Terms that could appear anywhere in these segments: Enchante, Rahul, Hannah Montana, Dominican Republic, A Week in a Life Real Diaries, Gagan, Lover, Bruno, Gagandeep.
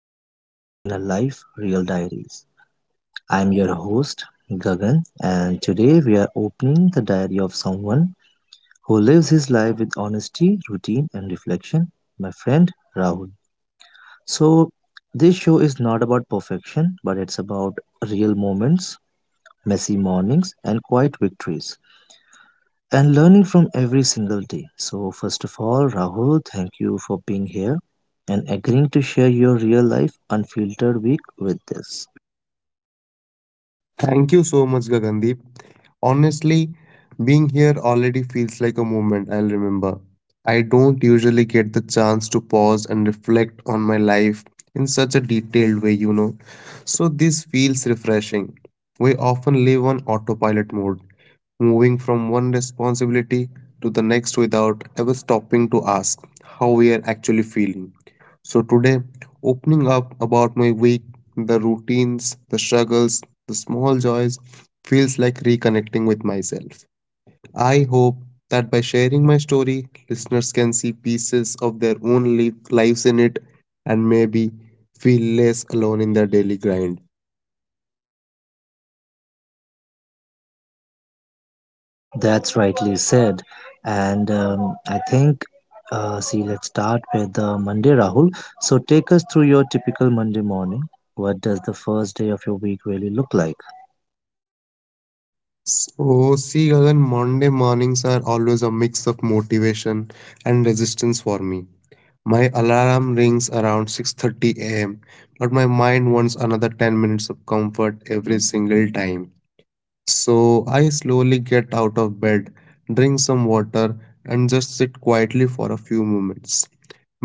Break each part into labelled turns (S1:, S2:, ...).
S1: to A Week in a Life Real Diaries. I'm your host, Gagan, and today we are opening the diary of someone who lives his life with honesty, routine, and reflection, my friend Rahul. So, this show is not about perfection, but it's about real moments, messy mornings, and quiet victories. And learning from every single day. So, first of all, Rahul, thank you for being here and agreeing to share your real life unfiltered week with this.
S2: Thank you so much, Gagandeep. Honestly, being here already feels like a moment I'll remember. I don't usually get the chance to pause and reflect on my life in such a detailed way, you know. So this feels refreshing. We often live on autopilot mode, moving from one responsibility to the next without ever stopping to ask how we are actually feeling. So today, opening up about my week, the routines, the struggles, the small joys feels like reconnecting with myself. I hope that by sharing my story, listeners can see pieces of their own lives in it and maybe feel less alone in their daily grind.
S1: That's rightly said. And I think, see, let's start with Monday, Rahul. So, take us through your typical Monday morning. What does the first day of your week really look like?
S2: So, see, Gagan, Monday mornings are always a mix of motivation and resistance for me. My alarm rings around 6:30 a.m., but my mind wants another 10 minutes of comfort every single time. So I slowly get out of bed, drink some water, and just sit quietly for a few moments,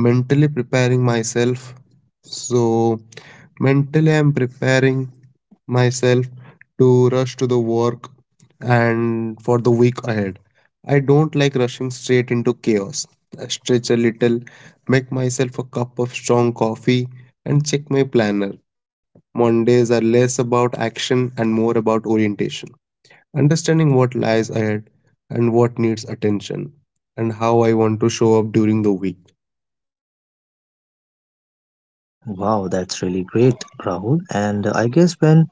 S2: mentally preparing myself. So, mentally, I'm preparing myself to rush to the work and for the week ahead. I don't like rushing straight into chaos. I stretch a little, make myself a cup of strong coffee, and check my planner. Mondays are less about action and more about orientation understanding what lies ahead and what needs attention, and how I want to show up during the week.
S1: Wow, that's really great, Rahul. And I guess when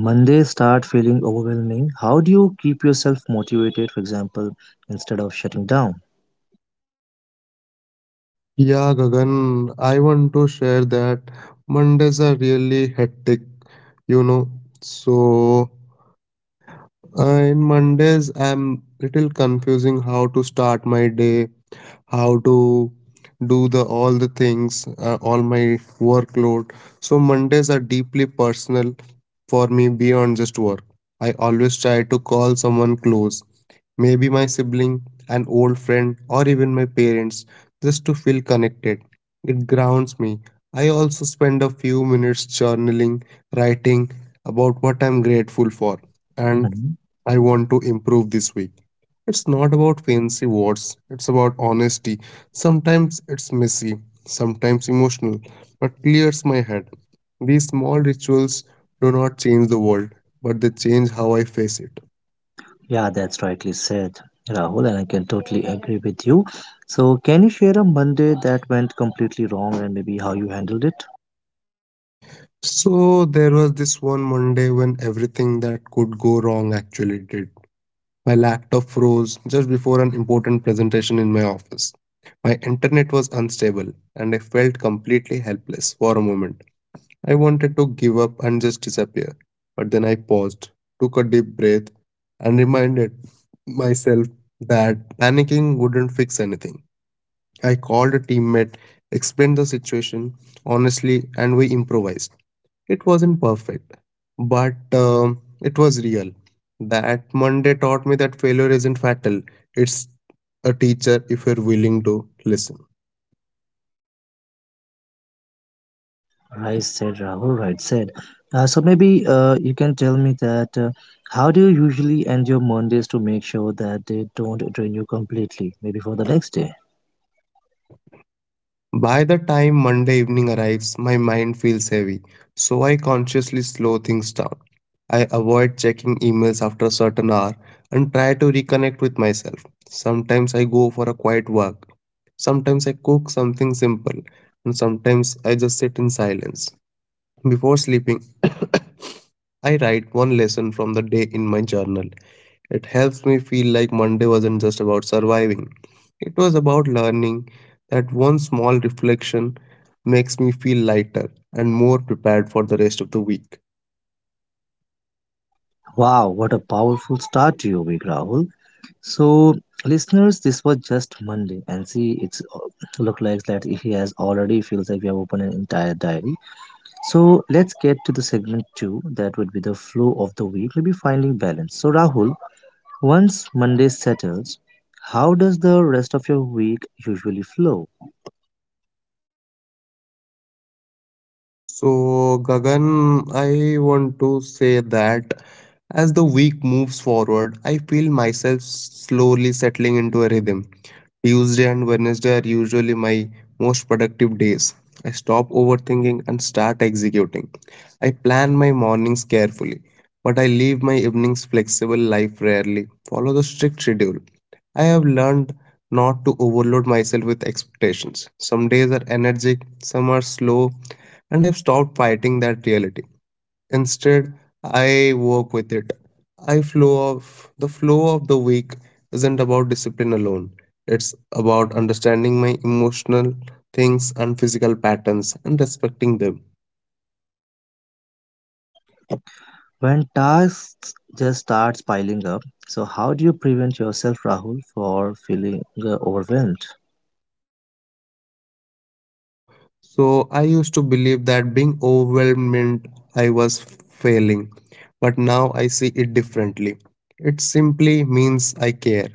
S1: Mondays start feeling overwhelming, how do you keep yourself motivated, for example, instead of shutting down?
S2: Yeah, Gagan, I want to share that Mondays are really hectic, you know. So, in Mondays, I'm little confusing how to start my day, how to do the all the things, all my workload. So Mondays are deeply personal for me beyond just work. I always try to call someone close maybe my sibling, an old friend, or even my parents, just to feel connected. It grounds me. I also spend a few minutes journaling, writing about what I'm grateful for and
S1: Mhm.
S2: I want to improve this week. It's not about fancy words, it's about honesty. Sometimes it's messy, sometimes emotional, but clears my head. These small rituals do not change the world, but they change how I face it.
S1: Yeah, that's rightly said, Rahul, and I can totally agree with you. So, can you share a Monday that went completely wrong and maybe how you handled it?
S2: So there was this one Monday when everything that could go wrong actually did. My laptop froze just before an important presentation in my office. My internet was unstable and I felt completely helpless for a moment. I wanted to give up and just disappear. But then I paused, took a deep breath, and reminded myself that panicking wouldn't fix anything. I called a teammate, explained the situation honestly, and we improvised. It wasn't perfect, but it was real. That Monday taught me that failure isn't fatal, it's a teacher if you're willing to listen.
S1: Right said, Rahul. Right said. So maybe you can tell me that how do you usually end your Mondays to make sure that they don't drain you completely? Maybe for the next day.
S2: By the time Monday evening arrives, my mind feels heavy, so I consciously slow things down. I avoid checking emails after a certain hour and try to reconnect with myself. Sometimes I go for a quiet walk, sometimes I cook something simple, and sometimes I just sit in silence. Before sleeping, I write one lesson from the day in my journal. It helps me feel like Monday wasn't just about surviving, it was about learning that one small reflection makes me feel lighter and more prepared for the rest of the week.
S1: Wow, what a powerful start to your week, Rahul. So, listeners, this was just Monday, and see, it's look like that he has already feels like we have opened an entire diary. So let's get to the segment two. That would be the flow of the week, maybe finding balance. So Rahul, once Monday settles, how does the rest of your week usually flow?
S2: So, Gagan, I want to say that as the week moves forward, I feel myself slowly settling into a rhythm. Tuesday and Wednesday are usually my most productive days. I stop overthinking and start executing. I plan my mornings carefully, but I leave my evenings flexible life rarely. Follow the strict schedule. I have learned not to overload myself with expectations. Some days are energetic, some are slow, and I've stopped fighting that reality. Instead, I work with it. I flow of the week isn't about discipline alone. It's about understanding my emotional things and physical patterns and respecting them.
S1: When tasks just starts piling up, so how do you prevent yourself, Rahul, for feeling overwhelmed?
S2: So I used to believe that being overwhelmed meant I was failing, but now I see it differently. It simply means I care.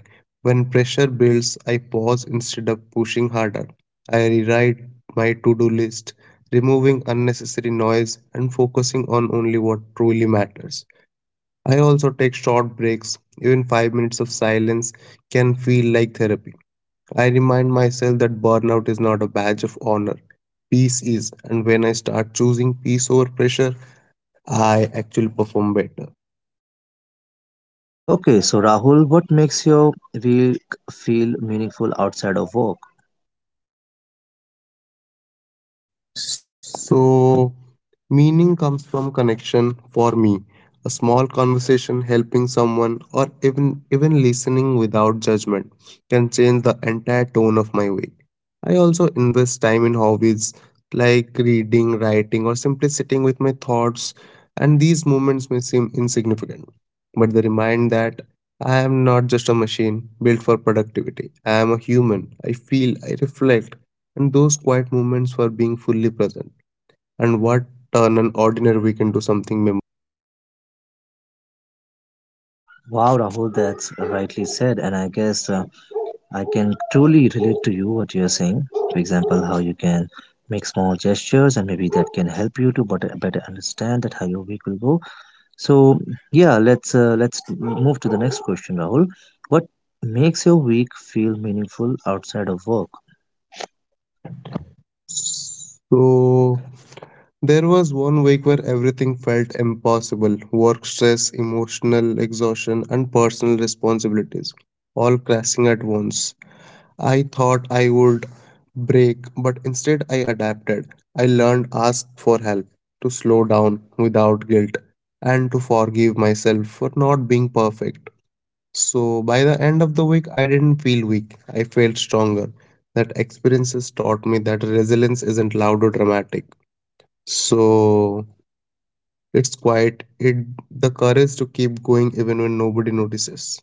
S2: When pressure builds, I pause instead of pushing harder. I rewrite my to do list, removing unnecessary noise and focusing on only what truly matters. I also take short breaks, even 5 minutes of silence can feel like therapy. I remind myself that burnout is not a badge of honor. Peace is, and when I start choosing peace over pressure, I actually perform better.
S1: Okay, so Rahul, what makes your week feel meaningful outside of work?
S2: So, meaning comes from connection for me. A small conversation, helping someone, or even listening without judgment can change the entire tone of my week. I also invest time in hobbies like reading, writing, or simply sitting with my thoughts, and these moments may seem insignificant, but they remind that I am not just a machine built for productivity. I am a human. I feel, I reflect, and those quiet moments were being fully present. And what turn an ordinary weekend to something memorable.
S1: Wow, Rahul, that's rightly said, and I guess I can truly relate to you what you're saying. For example, how you can make small gestures, and maybe that can help you to better understand that how your week will go. So, yeah, let's move to the next question, Rahul. What makes your week feel meaningful outside of work?
S2: So there was 1 week where everything felt impossible work stress, emotional exhaustion, and personal responsibilities all crashing at once. I thought I would break, but instead I adapted. I learned ask for help, to slow down without guilt, and to forgive myself for not being perfect. So by the end of the week, I didn't feel weak. I felt stronger. That experiences taught me that resilience isn't loud or dramatic. So it's quiet. It the courage to keep going even when nobody notices.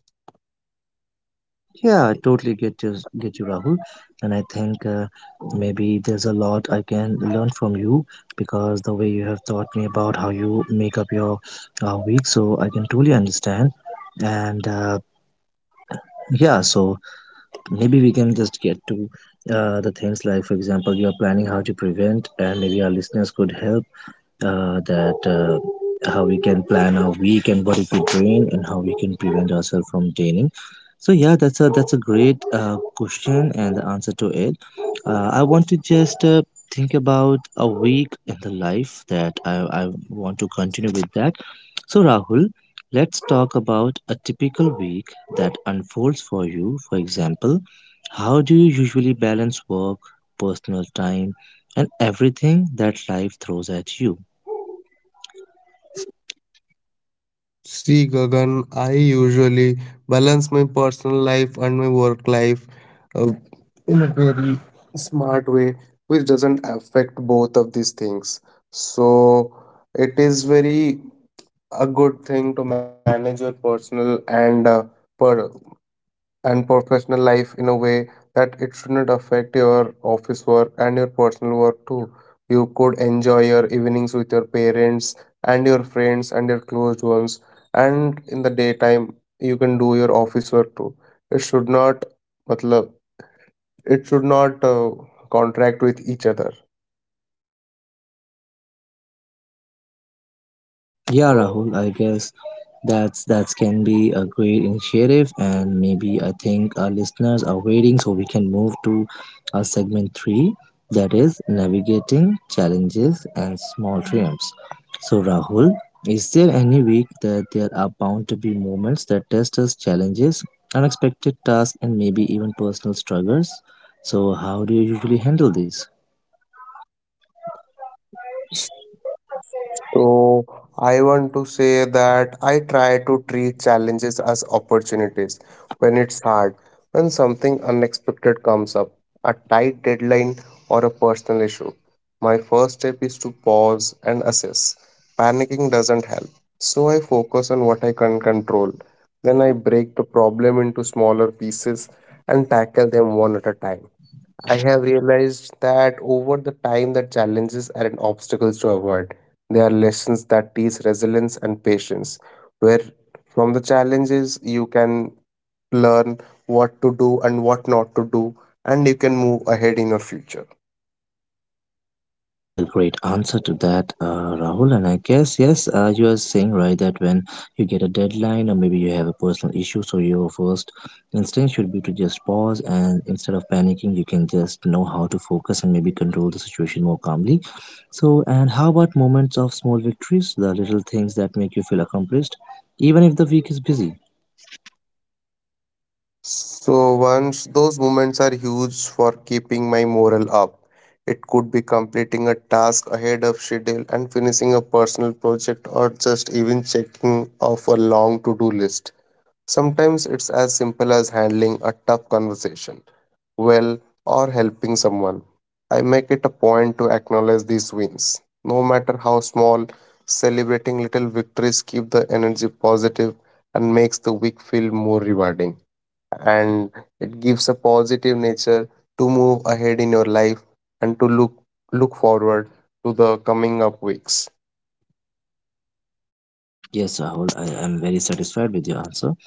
S1: Yeah, I totally get you, Rahul. And I think maybe there's a lot I can learn from you because the way you have taught me about how you make up your week, so I can truly understand. And yeah, so maybe we can just get to the things like, for example, you are planning how to prevent, and maybe our listeners could help that how we can plan our week and what it could drain and how we can prevent ourselves from draining. So yeah, that's a great question and the answer to it. I want to just think about a week in the life that I want to continue with that. So Rahul, let's talk about a typical week that unfolds for you. For example, how do you usually balance work, personal time, and everything that life throws at you?
S2: See, Gagan, I usually balance my personal life and my work life uh, in a very smart way, which doesn't affect both of these things. So it is very a good thing to manage your personal and per and professional life in a way that it shouldn't affect your office work and your personal work too. You could enjoy your evenings with your parents and your friends and your closed ones, and in the daytime you can do your office work too. It should not, matlab, it should not contract with each other.
S1: Yeah, Rahul, I guess that can be a great initiative, and maybe I think our listeners are waiting, so we can move to our segment three, that is navigating challenges and small triumphs. So, Rahul, is there any week that there are bound to be moments that test us, challenges, unexpected tasks, and maybe even personal struggles? So, how do you usually handle these?
S2: So I want to say that I try to treat challenges as opportunities when it's hard, when something unexpected comes up, a tight deadline or a personal issue. My first step is to pause and assess. Panicking doesn't help. So I focus on what I can control. Then I break the problem into smaller pieces and tackle them one at a time. I have realized that over the time the challenges aren't obstacles to avoid. They are lessons that teach resilience and patience, where from the challenges you can learn what to do and what not to do, and you can move ahead in your future.
S1: That's a great answer to that, Rahul. And I guess, yes, you are saying right that when you get a deadline or maybe you have a personal issue, so your first instinct should be to just pause and instead of panicking, you can just know how to focus and maybe control the situation more calmly. So, and how about moments of small victories, the little things that make you feel accomplished, even if the week is busy?
S2: So once those moments are huge for keeping my morale up. It could be completing a task ahead of schedule and finishing a personal project or just even checking off a long to-do list. Sometimes it's as simple as handling a tough conversation well or helping someone. I make it a point to acknowledge these wins, no matter how small. Celebrating little victories keep the energy positive and makes the week feel more rewarding. And it gives a positive nature to move ahead in your life and to look forward to the coming up weeks.
S1: Yes, Rahul, I am very satisfied with your answer.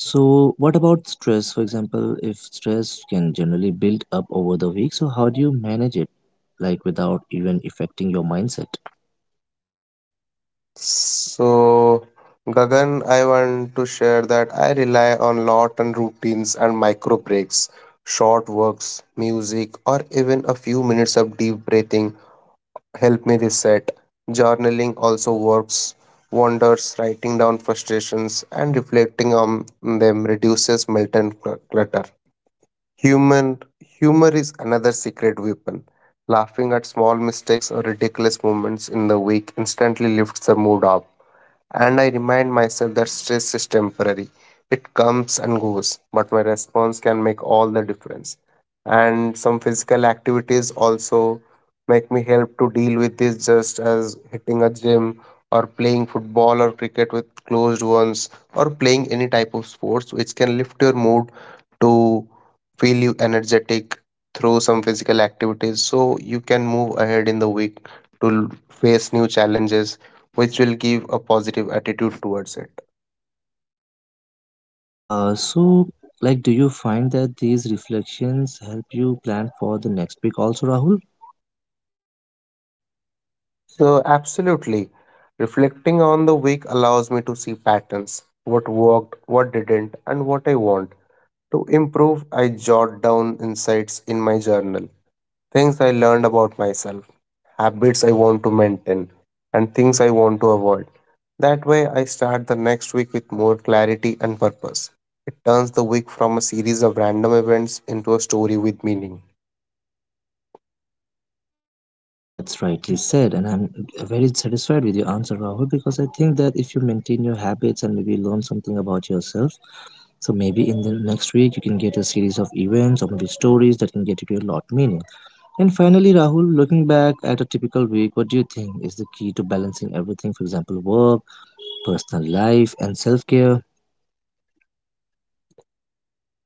S1: So, what about stress? For example, if stress can generally build up over the week, so how do you manage it, like without even affecting your mindset?
S2: So, Gagan, I want to share that I rely on lot on routines and micro breaks. Short works, music, or even a few minutes of deep breathing help me reset. Journaling also works wonders. Writing down frustrations and reflecting on them reduces mental clutter. Human humor is another secret weapon. Laughing at small mistakes or ridiculous moments in the week instantly lifts the mood up. And I remind myself that stress is temporary. It comes and goes, but my response can make all the difference. And some physical activities also make me help to deal with this, just as hitting a gym or playing football or cricket with closed ones or playing any type of sports which can lift your mood to feel you energetic through some physical activities so you can move ahead in the week to face new challenges which will give a positive attitude towards it.
S1: So, like, do you find that these reflections help you plan for the next week also, Rahul?
S2: So, absolutely, reflecting on the week allows me to see patterns what worked, what didn't, and what I want. To improve, I jot down insights in my journal, things I learned about myself, habits I want to maintain, and things I want to avoid. That way, I start the next week with more clarity and purpose. It turns the week from a series of random events into a story with meaning.
S1: That's rightly said, and I'm very satisfied with your answer, Rahul, because I think that if you maintain your habits and maybe learn something about yourself, so maybe in the next week you can get a series of events or maybe stories that can get you to a lot meaning. And finally, Rahul, looking back at a typical week, what do you think is the key to balancing everything? For example, work, personal life, and self care.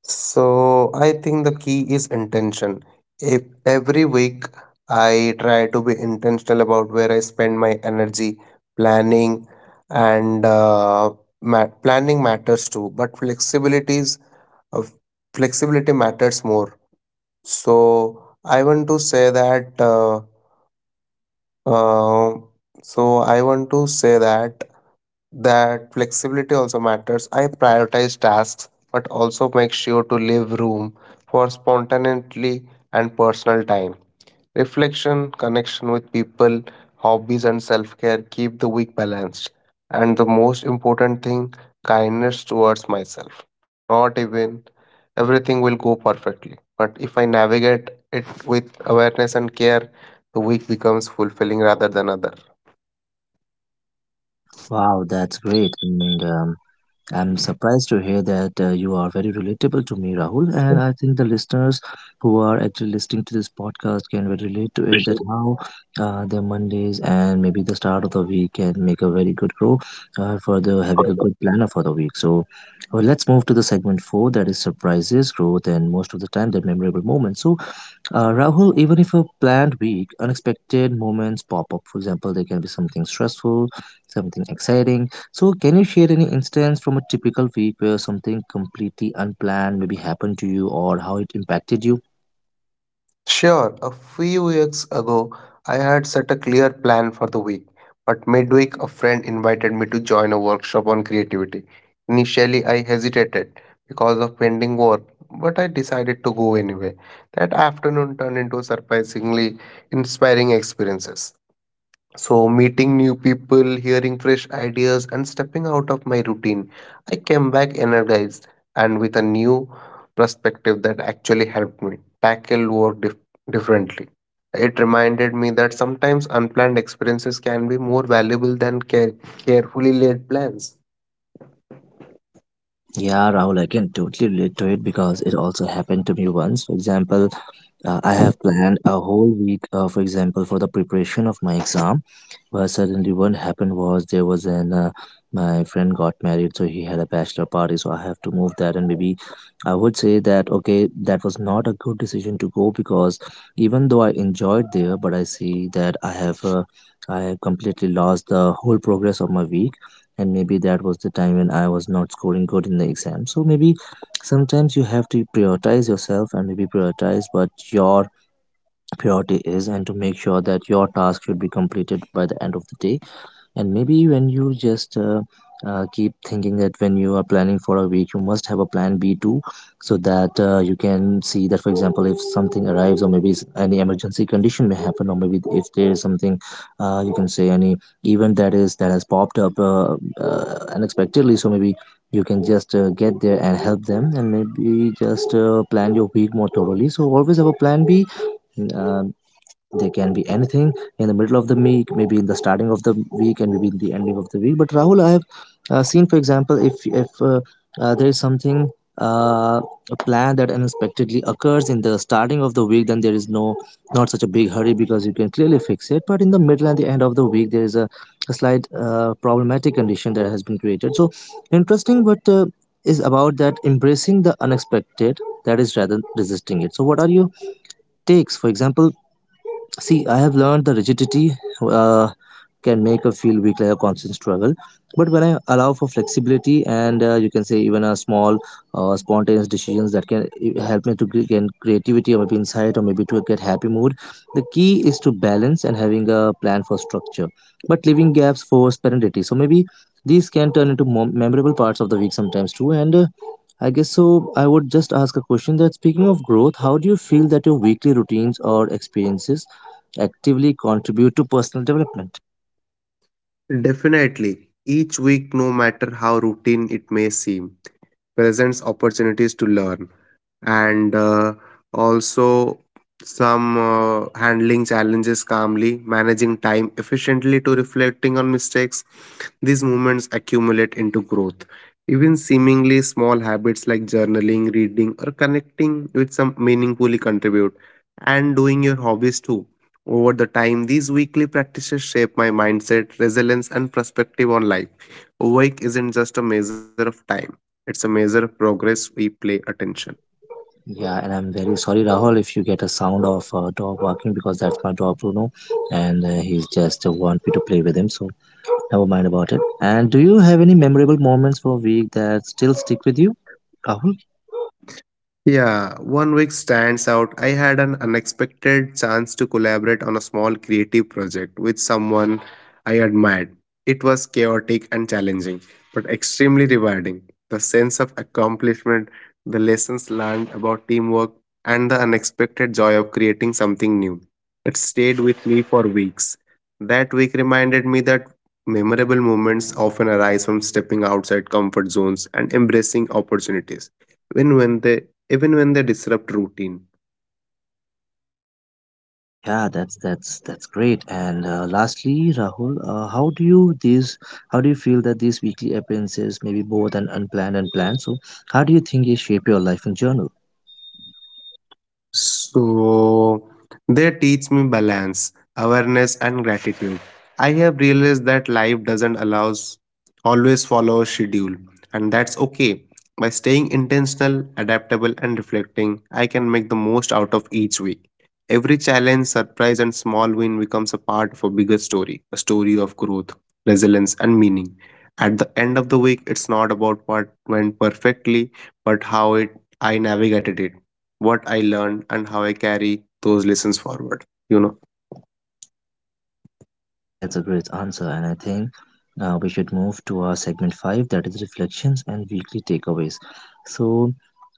S2: So I think the key is intention. If every week I try to be intentional about where I spend my energy, planning and planning matters too, but flexibilities uh, flexibility matters more. So I want to say that uh, so I want to say that That flexibility also matters. I prioritize tasks but also make sure to leave room for spontaneity and personal time. Reflection, connection with people, hobbies, and self care keep the week balanced. And the most important thing, kindness towards myself. Not even everything will go perfectly, but if I navigate it with awareness and care, the week becomes fulfilling rather than other.
S1: Wow, that's great. And I'm surprised to hear that you are very relatable to me, Rahul. And I think the listeners who are actually listening to this podcast can very relate to it that how their Mondays and maybe the start of the week can make a very good grow for the having a good planner for the week. So well, let's move to the segment four that is surprises, growth, and most of the time the memorable moments. So Rahul, even if a planned week, unexpected moments pop up. For example, there can be something stressful, something exciting. So, can you share any instance from a typical week where something completely unplanned maybe happened to you or how it impacted you?
S2: Sure, a few weeks ago I had set a clear plan for the week, but midweek a friend invited me to join a workshop on creativity. Initially, I hesitated because of pending work, but I decided to go anyway. That afternoon turned into surprisingly inspiring experiences. So, meeting new people, hearing fresh ideas, and stepping out of my routine, I came back energized and with a new perspective that actually helped me tackle differently. It reminded me that sometimes unplanned experiences can be more valuable than carefully laid plans.
S1: Yeah, Rahul, I can totally relate to it because it also happened to me once. For example, I have planned a whole week, for example, for the preparation of my exam. But suddenly, what happened was there was an my friend got married, so he had a bachelor party. So I have to move that, and maybe I would say that okay, that was not a good decision to go because even though I enjoyed there, but I see that I have completely lost the whole progress of my week, and maybe that was the time when I was not scoring good in the exam. So maybe sometimes you have to prioritize yourself and maybe prioritize what your priority is and to make sure that your task should be completed by the end of the day and maybe when you just keep thinking that when you are planning for a week, you must have a plan B too, so that you can see that, for example, if something arrives, or maybe any emergency condition may happen, or maybe if there is something, you can say any event that is that has popped up unexpectedly. So maybe you can just get there and help them, and maybe just plan your week more thoroughly. So always have a plan B. Um, they can be anything in the middle of the week maybe in the starting of the week and maybe in the ending of the week but rahul i have seen for example if there is something uh, a plan that unexpectedly occurs in the starting of the week then there is not such a big hurry because you can clearly fix it but in the middle and the end of the week there is a slight problematic condition that has been created so interesting but is about that embracing the unexpected that is rather resisting it so what are your takes for example See, I have learned the rigidity uh, can make a feel weak like a constant struggle. But when I allow for flexibility and you can say even a small spontaneous decisions that can help me to gain creativity or maybe insight or maybe to get happy mood. The key is to balance and having a plan for structure, but leaving gaps for spontaneity. So maybe these can turn into memorable parts of the week sometimes too. And I guess so. I would just ask a question that speaking of growth, how do you feel that your weekly routines or experiences actively contribute to personal development?
S2: Definitely, each week, no matter how routine it may seem, presents opportunities to learn and also some handling challenges calmly, managing time efficiently to reflecting on mistakes. These moments accumulate into growth. Even seemingly small habits like journaling, reading, or connecting with some meaningfully contribute, and doing your hobbies too. Over the time, these weekly practices shape my mindset, resilience, and perspective on life. Work isn't just a measure of time, it's a measure of progress we play attention.
S1: Yeah, and I'm very sorry, Rahul, if you get a sound of a dog barking because that's my dog Bruno, and he's just want me to play with him, so never mind about it. And do you have any memorable moments for a week that still stick with you, Rahul?
S2: Yeah, one week stands out. I had an unexpected chance to collaborate on a small creative project with someone I admired. It was chaotic and challenging, but extremely rewarding. The sense of accomplishment, the lessons learned about teamwork, and the unexpected joy of creating something new. It stayed with me for weeks. That week reminded me that memorable moments often arise from stepping outside comfort zones and embracing opportunities even when they even when they disrupt routine.
S1: Yeah, that's great. And lastly, Rahul, how do you these? How do you feel that these weekly appearances, maybe both and unplanned and planned? So, how do you think they shape your life in general?
S2: So they teach me balance, awareness, and gratitude. I have realized that life doesn't allow always follow a schedule, and that's okay. By staying intentional, adaptable, and reflecting, I can make the most out of each week. Every challenge, surprise, and small win becomes a part of a bigger story, a story of growth, resilience, and meaning. At the end of the week, it's not about what went perfectly, but how it I navigated it, what I learned and how I carry those lessons forward.
S1: That's a great answer, and I think we should move to our segment five, that is reflections and weekly takeaways. So,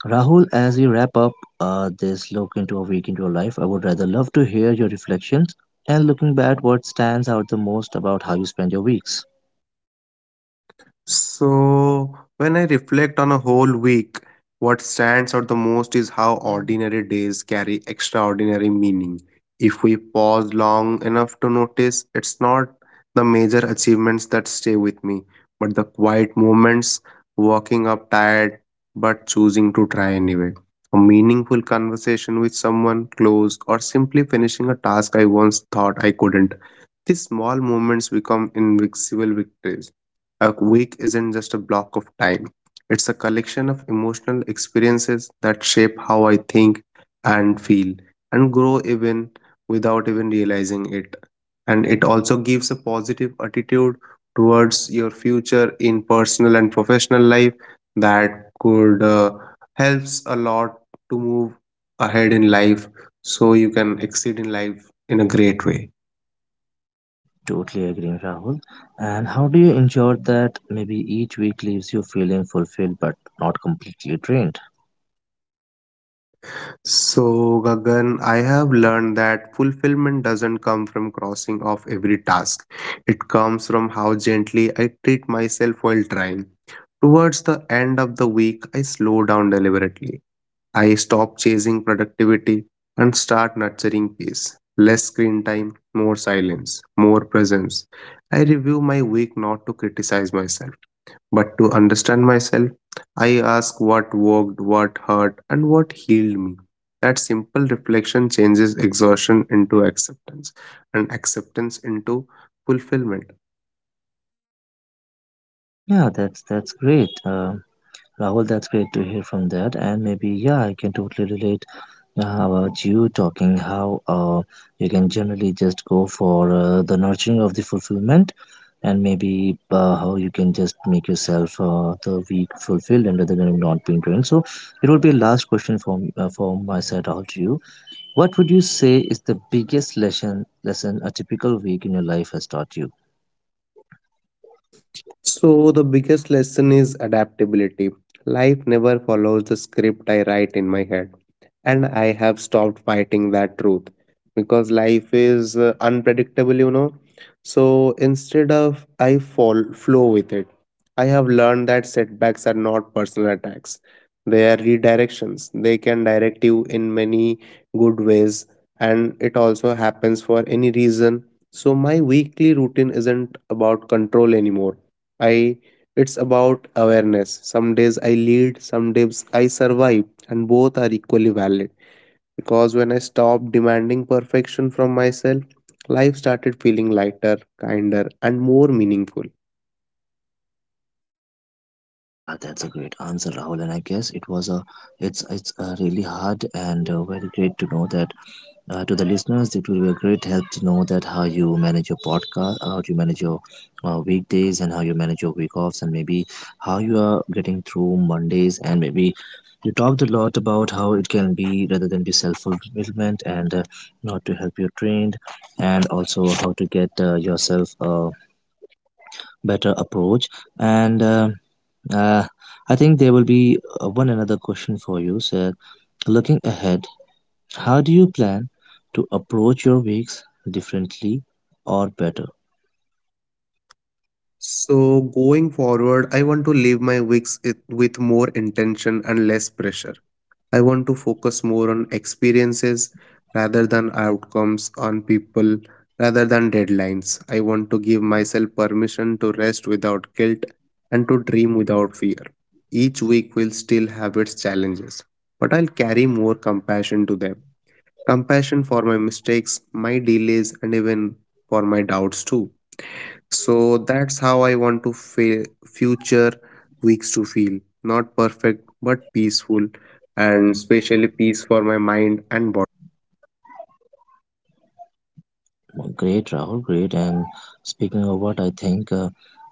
S1: Rahul, as we wrap up this look into a week into your life, I would rather love to hear your reflections and looking back, what stands out the most about how you spend your weeks.
S2: So, when I reflect on a whole week, what stands out the most is how ordinary days carry extraordinary meaning. If we pause long enough to notice, it's not the major achievements that stay with me, but the quiet moments, walking up tired but choosing to try anyway. A meaningful conversation with someone close, or simply finishing a task I once thought I couldn't. These small moments become invisible victories. A week isn't just a block of time, it's a collection of emotional experiences that shape how I think and feel and grow even without even realizing it. And it also gives a positive attitude towards your future in personal and professional life that could helps a lot to move ahead in life, so you can exceed in life in a great way.
S1: Totally agreeing, Rahul. And how do you ensure that maybe each week leaves you feeling fulfilled but not completely drained?
S2: So, Gagan, I have learned that fulfillment doesn't come from crossing off every task. It comes from how gently I treat myself while trying. Towards the end of the week, I slow down deliberately. I stop chasing productivity and start nurturing peace. Less screen time, more silence, more presence. I review my week not to criticize myself but to understand myself. I ask what worked, what hurt, and what healed me. That simple reflection changes exhaustion into acceptance and acceptance into fulfillment.
S1: Yeah, that's great, Rahul. That's great to hear from that, and maybe yeah, I can totally relate. Yeah, how about you talking how you can generally just go for the nurturing of the fulfillment and maybe how you can just make yourself the week fulfilled and rather than not being drained. So it would be a last question from my side out to you. What would you say is the biggest lesson a typical week in your life has taught you?
S2: So, the biggest lesson is adaptability. Life never follows the script I write in my head, and I have stopped fighting that truth because life is unpredictable, you know. So, instead of I fall flow with it, I have learned that setbacks are not personal attacks, they are redirections. They can direct you in many good ways, and it also happens for any reason. So, my weekly routine isn't about control anymore, I it's about awareness. Some days I lead, some days I survive, and both are equally valid. Because when I stopped demanding perfection from myself, life started feeling lighter, kinder, and more meaningful.
S1: Yeah, that's a great answer, Rahul. And I guess it was a it's really hard and very great to know that. To the listeners, it will be a great help to know that how you manage your podcast, how you manage your weekdays, and how you manage your week offs, and maybe how you are getting through Mondays. And maybe you talked a lot about how it can be rather than be self fulfillment and not to help you trained, and also how to get yourself a better approach. And uh, I think there will be one another question for you, sir. Looking ahead, how do you plan to approach your weeks differently or better?
S2: So, going forward, I want to live my with more intention and less pressure. I want to focus more on experiences rather than outcomes, on people rather than deadlines. I want to give myself permission to rest without guilt and to dream without fear. Each week will still have its challenges, but I'll carry more compassion to them. Compassion for my mistakes, my delays, and even for my doubts too. So that's how I want to future weeks to feel. Not perfect, but peaceful, and especially peace for my mind and body.
S1: Great, Rahul, great. And speaking of what, I think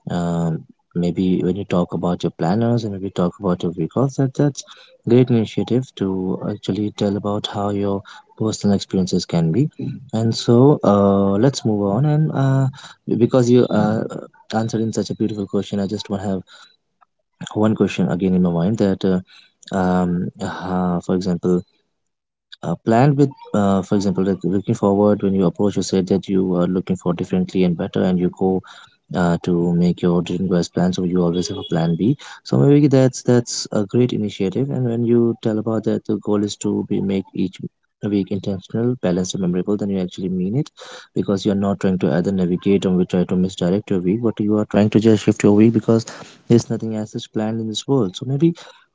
S1: um, maybe when you talk about your planners and maybe talk about your week off, that's great initiative to actually tell about how your personal experiences can be. And so let's move on. And because you answered in such a beautiful question, I just want to have one question again in my mind that. For example plan with for example, like looking forward when you approach, you say that you are looking for differently and better and you go to make your dream guys plan, so you always have a plan B. So maybe that's a great initiative, and when you tell about that the goal is to be make each week intentional, balanced, and memorable, then you actually mean it because you're not trying to either navigate or we try to misdirect your week, but you are trying to just shift your week because there's nothing as such planned in this world. So maybe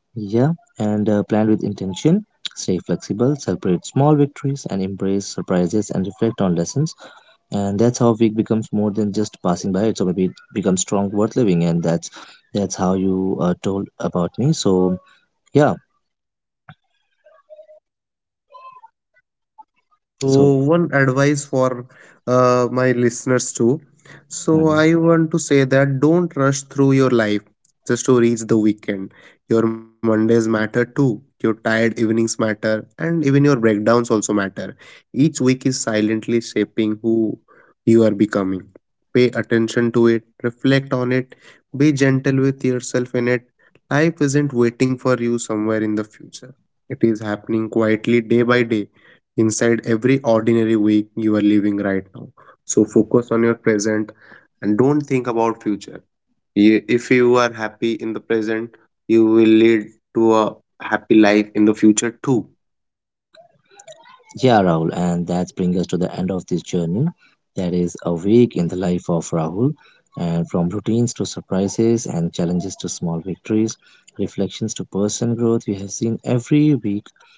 S1: yeah, and plan with intention. Stay flexible, celebrate small victories, and embrace surprises and reflect on lessons. And that's how week becomes more than just passing by. So maybe it becomes strong, worth living. And that's how you told about me. So yeah,
S2: So,
S1: so
S2: one advice for my listeners too. So,
S1: mhm.
S2: I want to say that don't rush through your life just to reach the weekend. Your Mondays matter too. Your tired evenings matter, and even your breakdowns also matter. Each week is silently shaping who you are becoming. Pay attention to it, reflect on it, be gentle with yourself in it. Life isn't waiting for you somewhere in the future, it is happening quietly day by day inside every ordinary week you are living right now. So focus on your present and don't think about future. If you are happy in the present, you will lead to a happy life in the future too.
S1: Yeah, Rahul, and that brings us to the end of this journey. That is a week in the life of Rahul, and from routines to surprises and challenges to small victories, reflections to personal growth, we have seen every week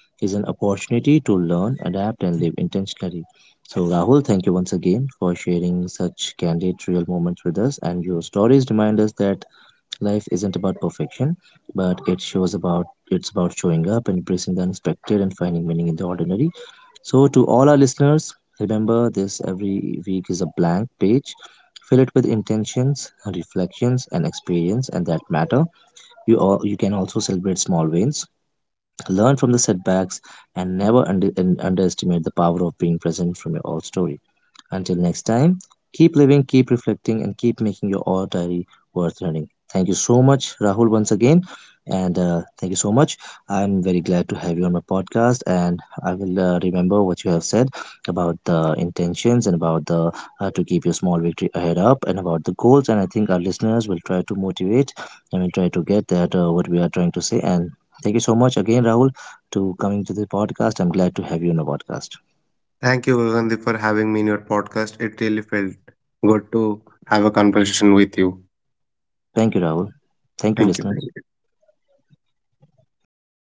S1: is an opportunity to learn, adapt, and live intentionally. So, Rahul, thank you once again for sharing such candid, real moments with us, and your stories remind us that life isn't about perfection, but it shows about it's about showing up, embracing the unexpected, and finding meaning in the ordinary. So, to all our listeners, remember this every week is a blank page. Fill it with intentions, reflections, and experience, and that matter. You all, you can also celebrate small wins, learn from the setbacks, and never underestimate the power of being present from your own story. Until next time, keep living, keep reflecting, and keep making your oral diary worth learning. Thank you so much, Rahul, once again. And thank you so much. I'm very glad to have you on my podcast, and I will remember what you have said about the intentions and about the to keep your small victory ahead up and about the goals. And I think our listeners will try to motivate and will try to get that what we are trying to say. And thank you so much again, Rahul, to coming to the podcast. I'm glad to have you on the podcast.
S2: Thank you, Gagandi, for having me in your podcast. It really felt good to have a conversation with you.
S1: Thank you, Rahul. Thank you,
S2: Thank you.
S1: listeners.